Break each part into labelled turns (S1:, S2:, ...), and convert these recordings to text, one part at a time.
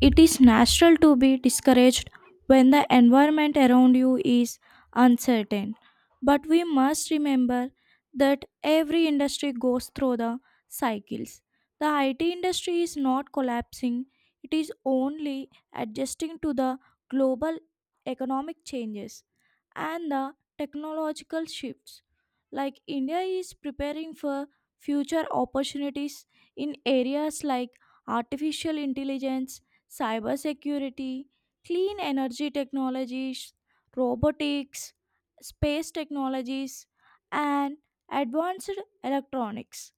S1: It is natural to be discouraged when the environment around you is uncertain. But we must remember that every industry goes through the cycles. The IT industry is not collapsing, it is only adjusting to the global economic changes and the technological shifts. Like India is preparing for future opportunities in areas like artificial intelligence cybersecurity, clean energy technologies, robotics, space technologies, and advanced electronics.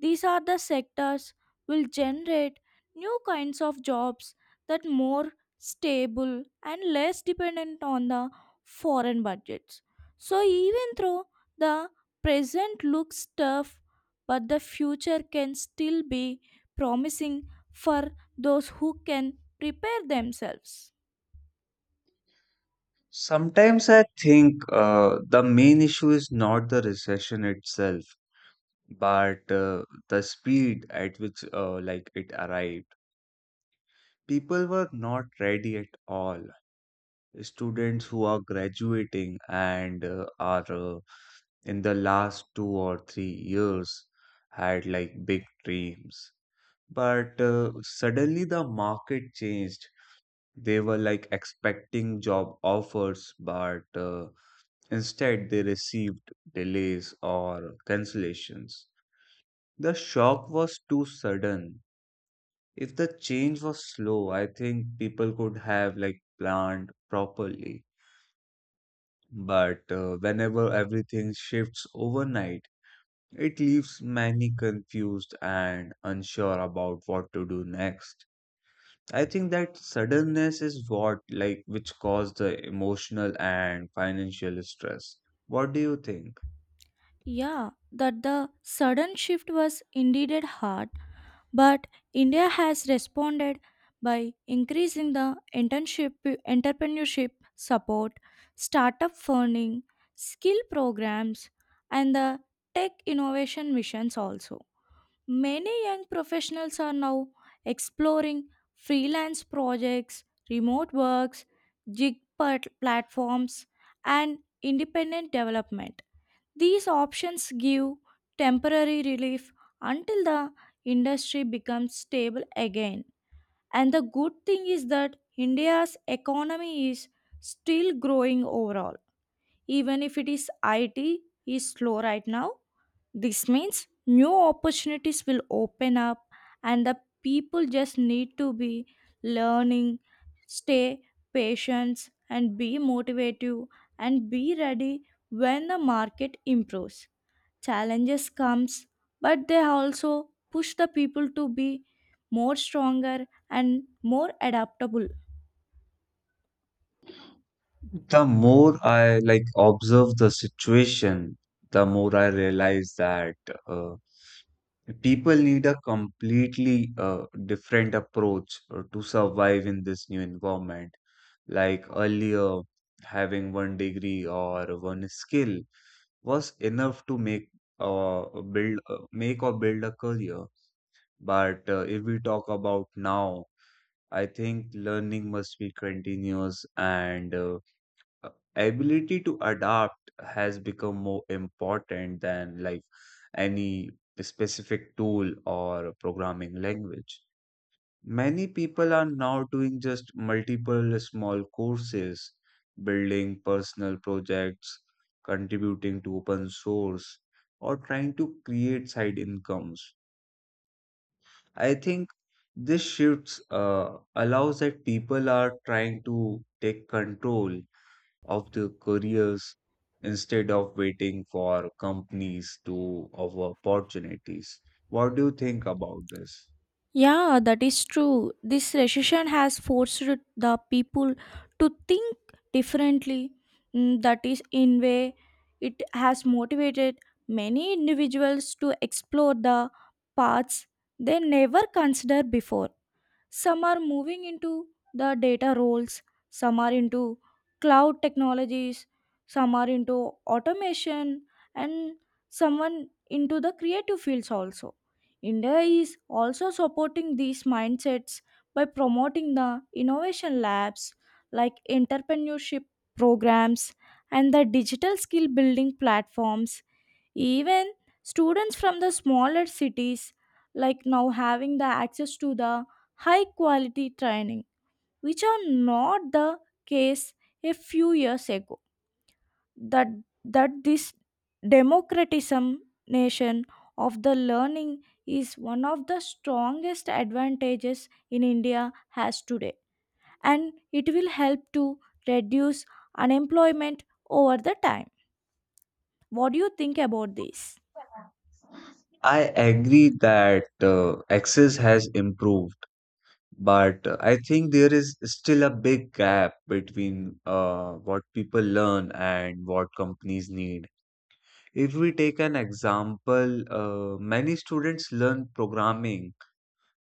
S1: These are the sectors will generate new kinds of jobs that more stable and less dependent on the foreign budgets. So even though the present looks tough, but the future can still be promising for those who can prepare themselves.
S2: Sometimes I think the main issue is not the recession itself, but the speed at which like it arrived. People were not ready at all. Students who are graduating and are in the last 2 or 3 years had like big dreams. But suddenly the market changed. They were like expecting job offers, but instead, they received delays or cancellations. The shock was too sudden. If the change was slow, I think people could have like planned properly. But whenever everything shifts overnight, it leaves many confused and unsure about what to do next. I think that suddenness is what like which caused the emotional and financial stress. What do you think?
S1: Yeah, that the sudden shift was indeed hard. But India has responded by increasing the internship, entrepreneurship support, startup funding, skill programs, and the tech innovation missions also. Many young professionals are now exploring freelance projects, remote works, platforms, and independent development. These options give temporary relief until the industry becomes stable again. And the good thing is that India's economy is still growing overall. Even if it is IT is slow right now, this means new opportunities will open up and the people just need to be learning, stay patient and be motivative and be ready when the market improves, challenges comes but they also push the people to be more stronger and more adaptable.
S2: The more I like observe the situation, the more I realize that uh, people need a completely different approach to survive in this new environment. Like earlier, having one degree or one skill was enough to make or build a career. But if we talk about now, I think learning must be continuous and uh, ability to adapt has become more important than like any specific tool or programming language. Many people are now doing just multiple small courses, building personal projects, contributing to open source, or trying to create side incomes. I think this shifts allows that people are trying to take control of the careers instead of waiting for companies to offer opportunities. What do you think about this?
S1: Yeah, that is true. This recession has forced the people to think differently. That is in way it has motivated many individuals to explore the paths they never considered before. Some are moving into the data roles, some are into cloud technologies, some are into automation, and someone into the creative fields also. India is also supporting these mindsets by promoting the innovation labs like entrepreneurship programs and the digital skill building platforms. Even students from the smaller cities like now having the access to the high quality training, which are not the case a few years ago. That that this democratization of the learning is one of the strongest advantages in India has today, and it will help to reduce unemployment over the time. What do you think about this?
S2: I agree that access has improved, but I think there is still a big gap between what people learn and what companies need. If we take an example, many students learn programming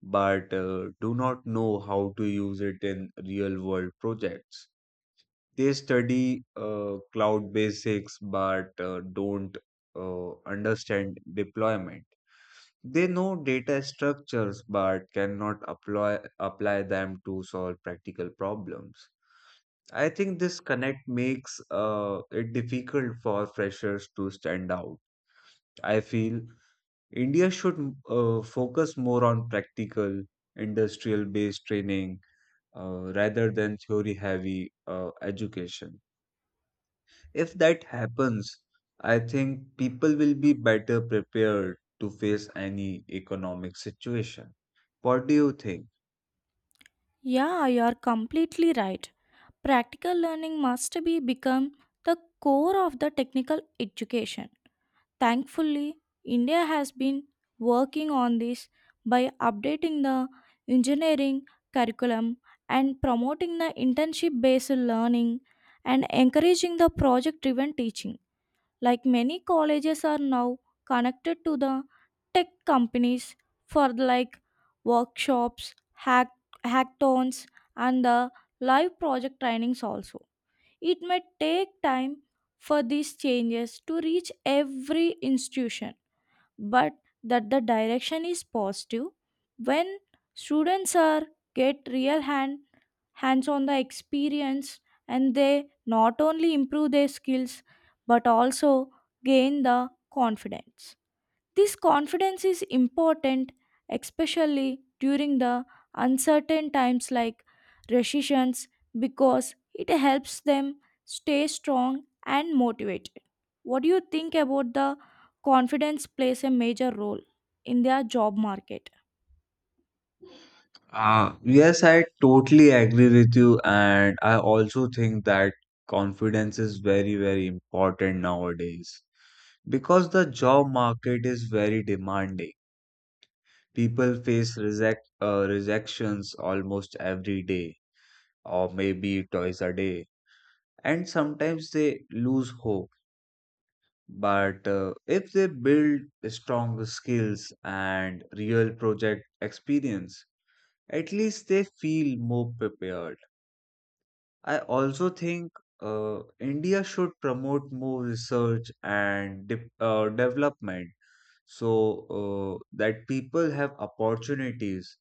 S2: but do not know how to use it in real world projects. They study cloud basics but don't understand deployment. They know data structures but cannot apply them to solve practical problems. I think this connect makes it difficult for freshers to stand out. I feel India should focus more on practical industrial based training rather than theory heavy education. If that happens, I think people will be better prepared to face any economic situation. What do you think?
S1: Yeah, you are completely right. Practical learning must be become the core of the technical education. Thankfully, India has been working on this by updating the engineering curriculum and promoting the internship based learning and encouraging the project driven teaching. Like many colleges are now connected to the tech companies for like workshops, hack, hackathons, and the live project trainings also. It may take time for these changes to reach every institution, but that the direction is positive when students are get real hand hands on the experience and they not only improve their skills but also gain the confidence. This confidence is important especially during the uncertain times like recessions because it helps them stay strong and motivated. What do you think about the confidence plays a major role in their job market?
S2: Yes, I totally agree with you, and I also think that confidence is very, very important nowadays because the job market is very demanding. People face rejections almost every day, or maybe twice a day, and sometimes they lose hope. But if they build strong skills and real project experience, at least they feel more prepared. I also think India should promote more research and development so that people have opportunities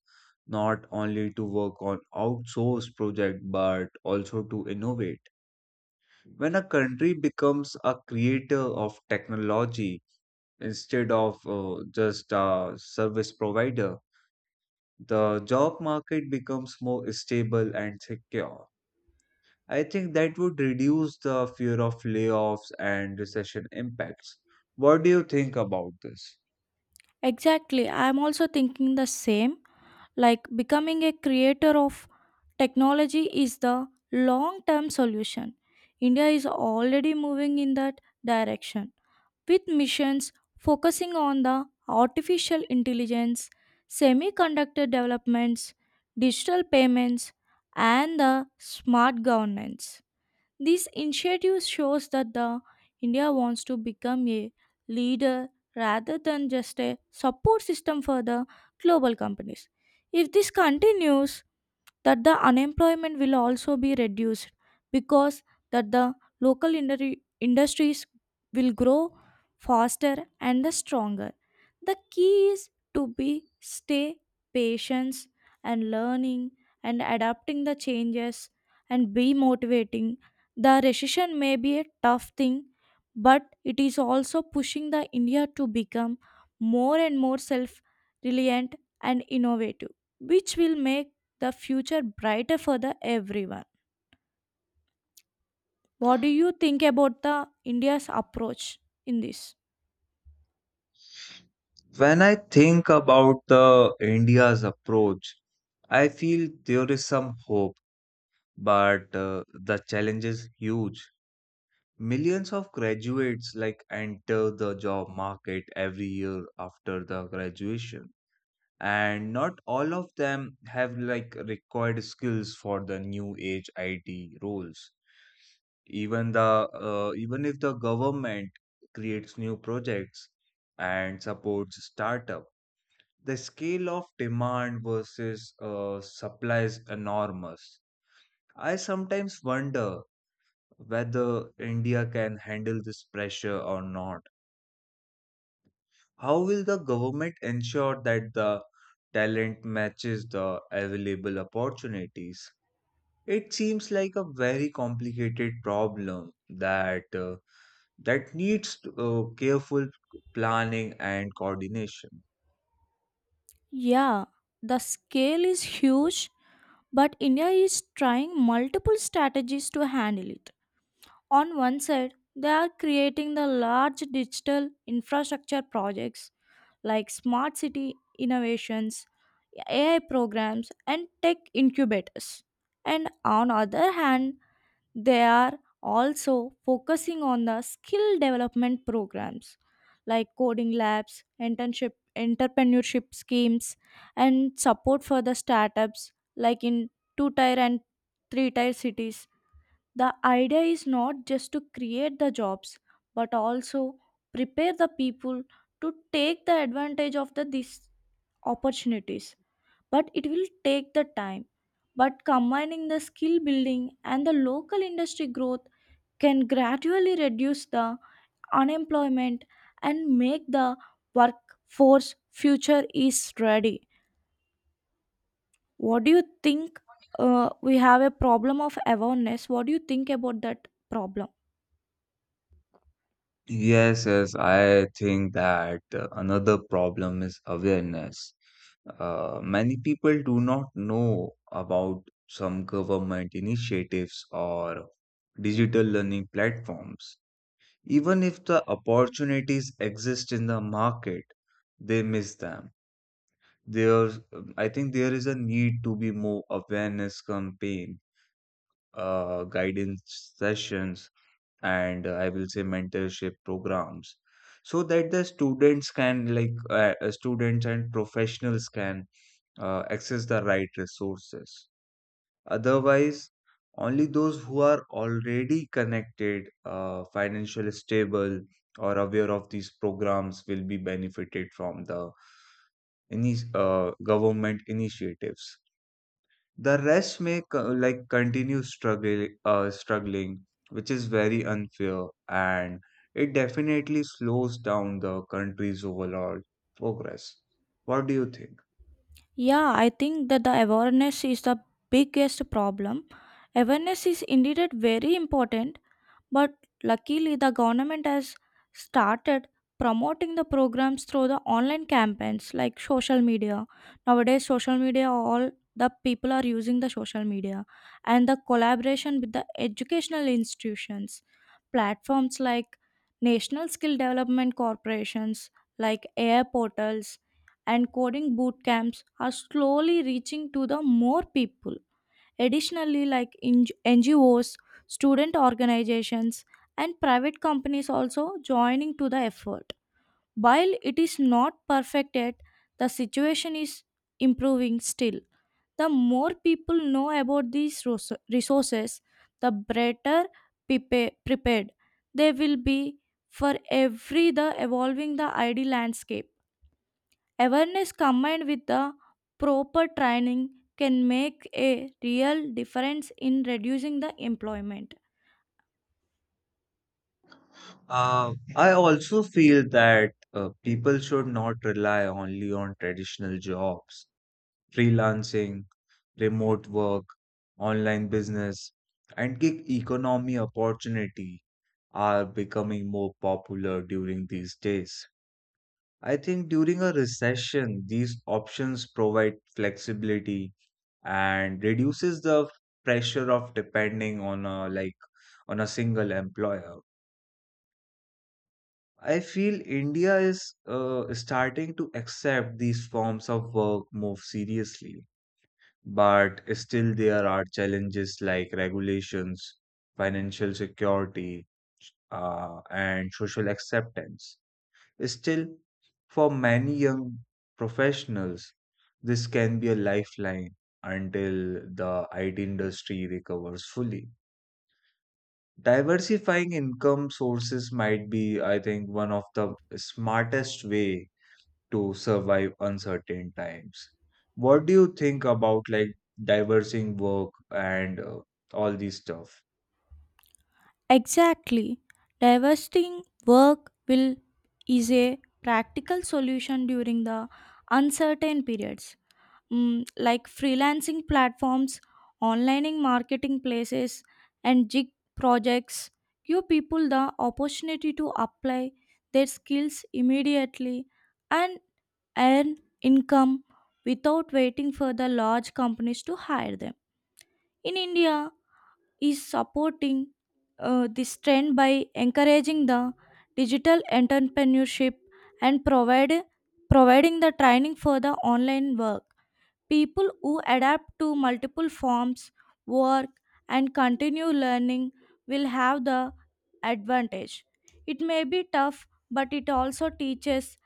S2: not only to work on outsourced project but also to innovate. When a country becomes a creator of technology, instead of just a service provider, the job market becomes more stable and secure. I think that would reduce the fear of layoffs and recession impacts. What do you think about this?
S1: Exactly, I'm also thinking the same. Like becoming a creator of technology is the long term solution. India is already moving in that direction with missions focusing on the artificial intelligence, semiconductor developments, digital payments, and the smart governance. This initiative shows that the India wants to become a leader rather than just a support system for the global companies. If this continues, that the unemployment will also be reduced because that the industries will grow faster and the stronger. The key is to be stay patience and learning and adapting the changes and be motivating. The recession may be a tough thing but it is also pushing the India to become more and more self reliant and innovative, which will make the future brighter for the everyone. What do you think about the India's approach in this?
S2: When I think about the India's approach, I feel there is some hope, but the challenge is huge. Millions of graduates like enter the job market every year after the graduation and not all of them have like required skills for the new age IT roles. Even the Even if the government creates new projects and supports startup, the scale of demand versus supply is enormous. I sometimes wonder whether India can handle this pressure or not. How will the government ensure that the talent matches the available opportunities? It seems like a very complicated problem that needs careful planning and coordination.
S1: Yeah, the scale is huge, but India is trying multiple strategies to handle it. On one side, they are creating the large digital infrastructure projects like smart city innovations, AI programs, and tech incubators. And on other hand, they are also focusing on the skill development programs like coding labs, internship, entrepreneurship schemes, and support for the startups like in two tier and three tier cities. The idea is not just to create the jobs but also prepare the people to take the advantage of the these opportunities, but it will take the time but combining the skill building and the local industry growth can gradually reduce the unemployment and make the workforce future is ready. What do you think? We have a problem of awareness. What do you think about that problem?
S2: Yes, yes, I think that another problem is awareness. Many people do not know about some government initiatives or digital learning platforms. Even if the opportunities exist in the market, they miss them. There, I think there is a need to be more awareness campaign, guidance sessions, and I will say mentorship programs, so that the students and professionals can access the right resources. Otherwise, only those who are already connected, financially stable, or aware of these programs will be benefited from the any government initiatives. The rest may like continue struggling, which is very unfair, and it definitely slows down the country's overall progress. What do you think?
S1: Yeah, I think that the awareness is the biggest problem. Awareness is indeed a very important, but luckily the government has started promoting the programs through the online campaigns like social media. Nowadays, social media, all the people are using the social media and the collaboration with the educational institutions, platforms like National Skill Development Corporations, like Air portals and coding boot camps are slowly reaching to the more people. Additionally, NGOs, student organizations, and private companies also joining to the effort. While it is not perfect yet, the situation is improving still. The more people know about these resources, the better prepared they will be for every the evolving the ID landscape. Awareness combined with the proper training can make a real difference in reducing the employment.
S2: I also feel that people should not rely only on traditional jobs, freelancing, remote work, online business, and gig economy opportunity are becoming more popular during these days. I think during a recession, these options provide flexibility and reduces the pressure of depending on a like on a single employer. I feel India is starting to accept these forms of work more seriously, but still there are challenges like regulations, financial security, and social acceptance. Still, for many young professionals, this can be a lifeline until the IT industry recovers fully. Diversifying income sources might be, I think, one of the smartest way to survive uncertain times. What do you think about like diversing work and all these stuff?
S1: Exactly. Divesting work will is a practical solution during the uncertain periods. Like freelancing platforms, online marketing places, and gig projects give people the opportunity to apply their skills immediately and earn income without waiting for the large companies to hire them. In India, is supporting this trend by encouraging the digital entrepreneurship and provide providing the training for the online work. People who adapt to multiple forms, work, and continue learning will have the advantage. It may be tough, but it also teaches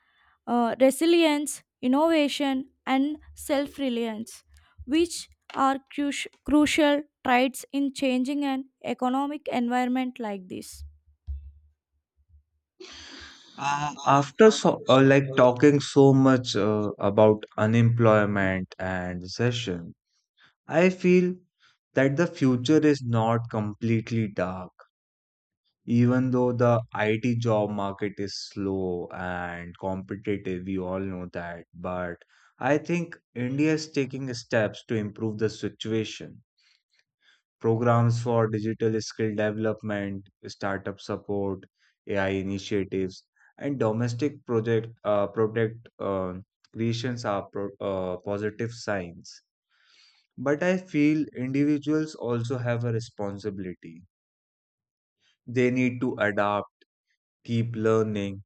S1: resilience, innovation, and self reliance, which are crucial traits in changing an economic environment like this.
S2: After like talking so much about unemployment and recession, I feel that the future is not completely dark, even though the IT job market is slow and competitive, we all know that. But I think India is taking steps to improve the situation. Programs for digital skill development, startup support, AI initiatives, and domestic project product creations are positive signs. But I feel individuals also have a responsibility. They need to adapt, keep learning,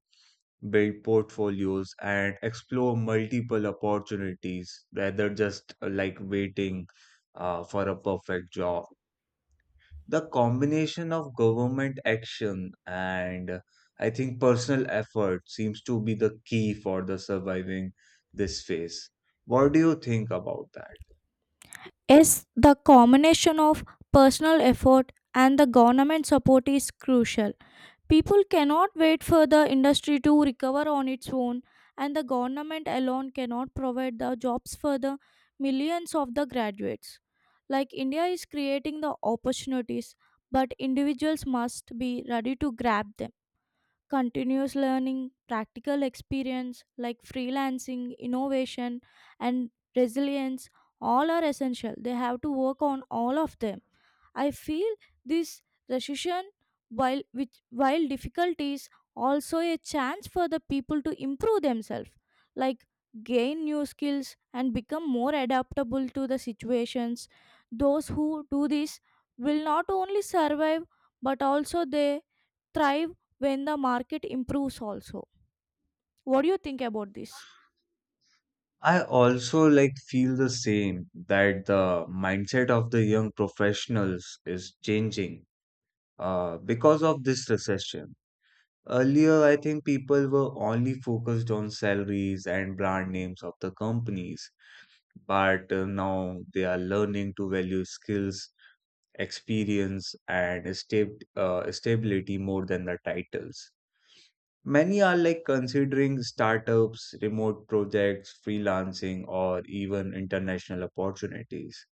S2: build portfolios, and explore multiple opportunities rather just like waiting for a perfect job. The combination of government action and I think personal effort seems to be the key for the surviving this phase. What do you think about that?
S1: Yes, the combination of personal effort and the government support is crucial. People cannot wait for the industry to recover on its own, and the government alone cannot provide the jobs for the millions of the graduates. Like India is creating the opportunities, but individuals must be ready to grab them. Continuous learning, practical experience like freelancing, innovation, and resilience all are essential. They have to work on all of them. I feel this recession, while difficult, is also a chance for the people to improve themselves, like gain new skills and become more adaptable to the situations. Those who do this will not only survive but also they thrive when the market improves also. What do you think about this?
S2: I also like feel the same that the mindset of the young professionals is changing because of this recession. Earlier, I think people were only focused on salaries and brand names of the companies, but now they are learning to value skills, experience, and stability more than the titles. Many are like considering startups, remote projects, freelancing, or even international opportunities.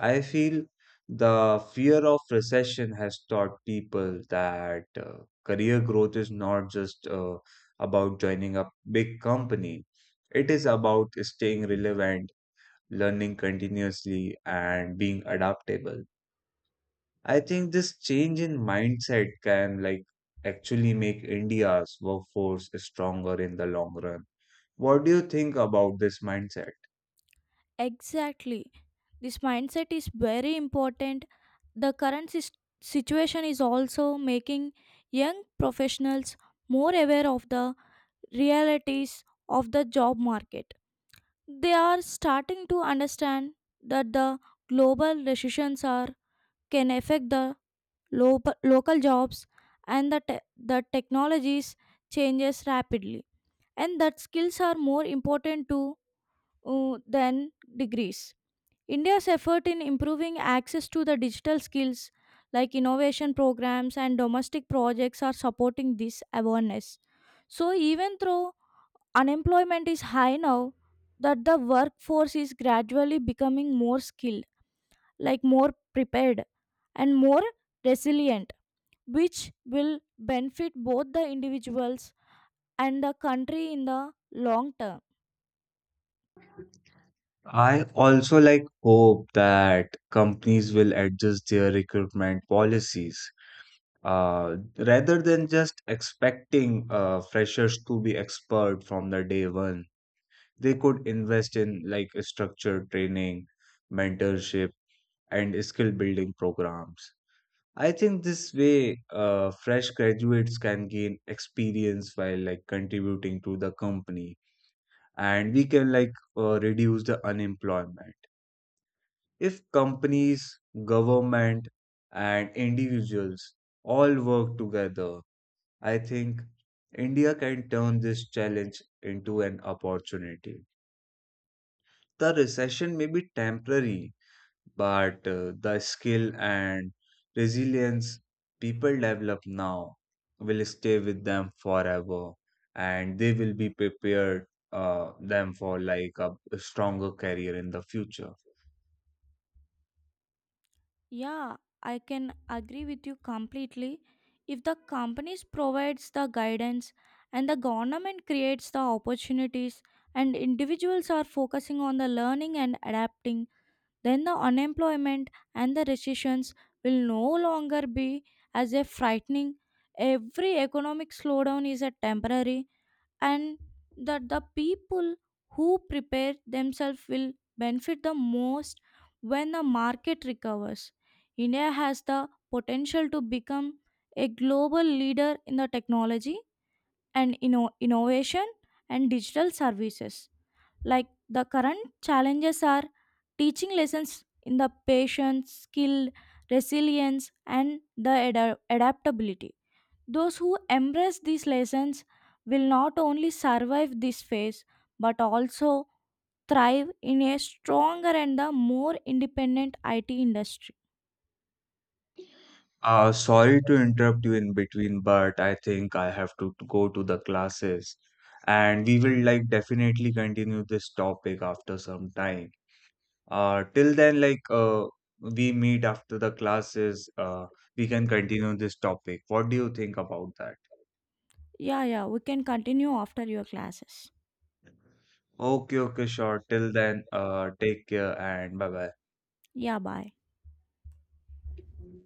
S2: I feel the fear of recession has taught people that career growth is not just about joining a big company, it is about staying relevant, learning continuously, and being adaptable. I think this change in mindset can like actually make India's workforce stronger in the long run. What do you think about this mindset?
S1: Exactly. This mindset is very important. The situation is also making young professionals more aware of the realities of the job market. They are starting to understand that the global recessions are can affect the local jobs and the technologies changes rapidly and that skills are more important to than degrees. India's effort in improving access to the digital skills like innovation programs and domestic projects are supporting this awareness. So, even though unemployment is high now, that the workforce is gradually becoming more skilled, like more prepared and more resilient, which will benefit both the individuals and the country in the long term.
S2: I also like hope that companies will adjust their recruitment policies rather than just expecting freshers to be expert from the day one. They could invest in like structured training, mentorship, and skill building programs. I think this way, fresh graduates can gain experience while like contributing to the company, and we can like reduce the unemployment. If companies, government, and individuals all work together, I think India can turn this challenge into an opportunity. The recession may be temporary, but the skill and resilience people develop now will stay with them forever and they will be prepared them for like a stronger career in the future.
S1: Yeah, I can agree with you completely. If the companies provides the guidance and the government creates the opportunities and individuals are focusing on the learning and adapting, then the unemployment and the recessions will no longer be as a frightening. Every economic slowdown is a temporary and that the people who prepare themselves will benefit the most when the market recovers. India has the potential to become a global leader in the technology and innovation and digital services. Like the current challenges are teaching lessons in the patience, skill, resilience, and the adaptability. Those who embrace these lessons will not only survive this phase but also thrive in a stronger and a more independent IT industry.
S2: Sorry to interrupt you in between, but I think I have to go to the classes, and we will like definitely continue this topic after some time. Till then, we meet after the classes, we can continue this topic. What do you think about that?
S1: Yeah, yeah, we can continue after your classes.
S2: Okay, okay, sure. Till then, take care and bye
S1: Yeah, bye.
S2: bye.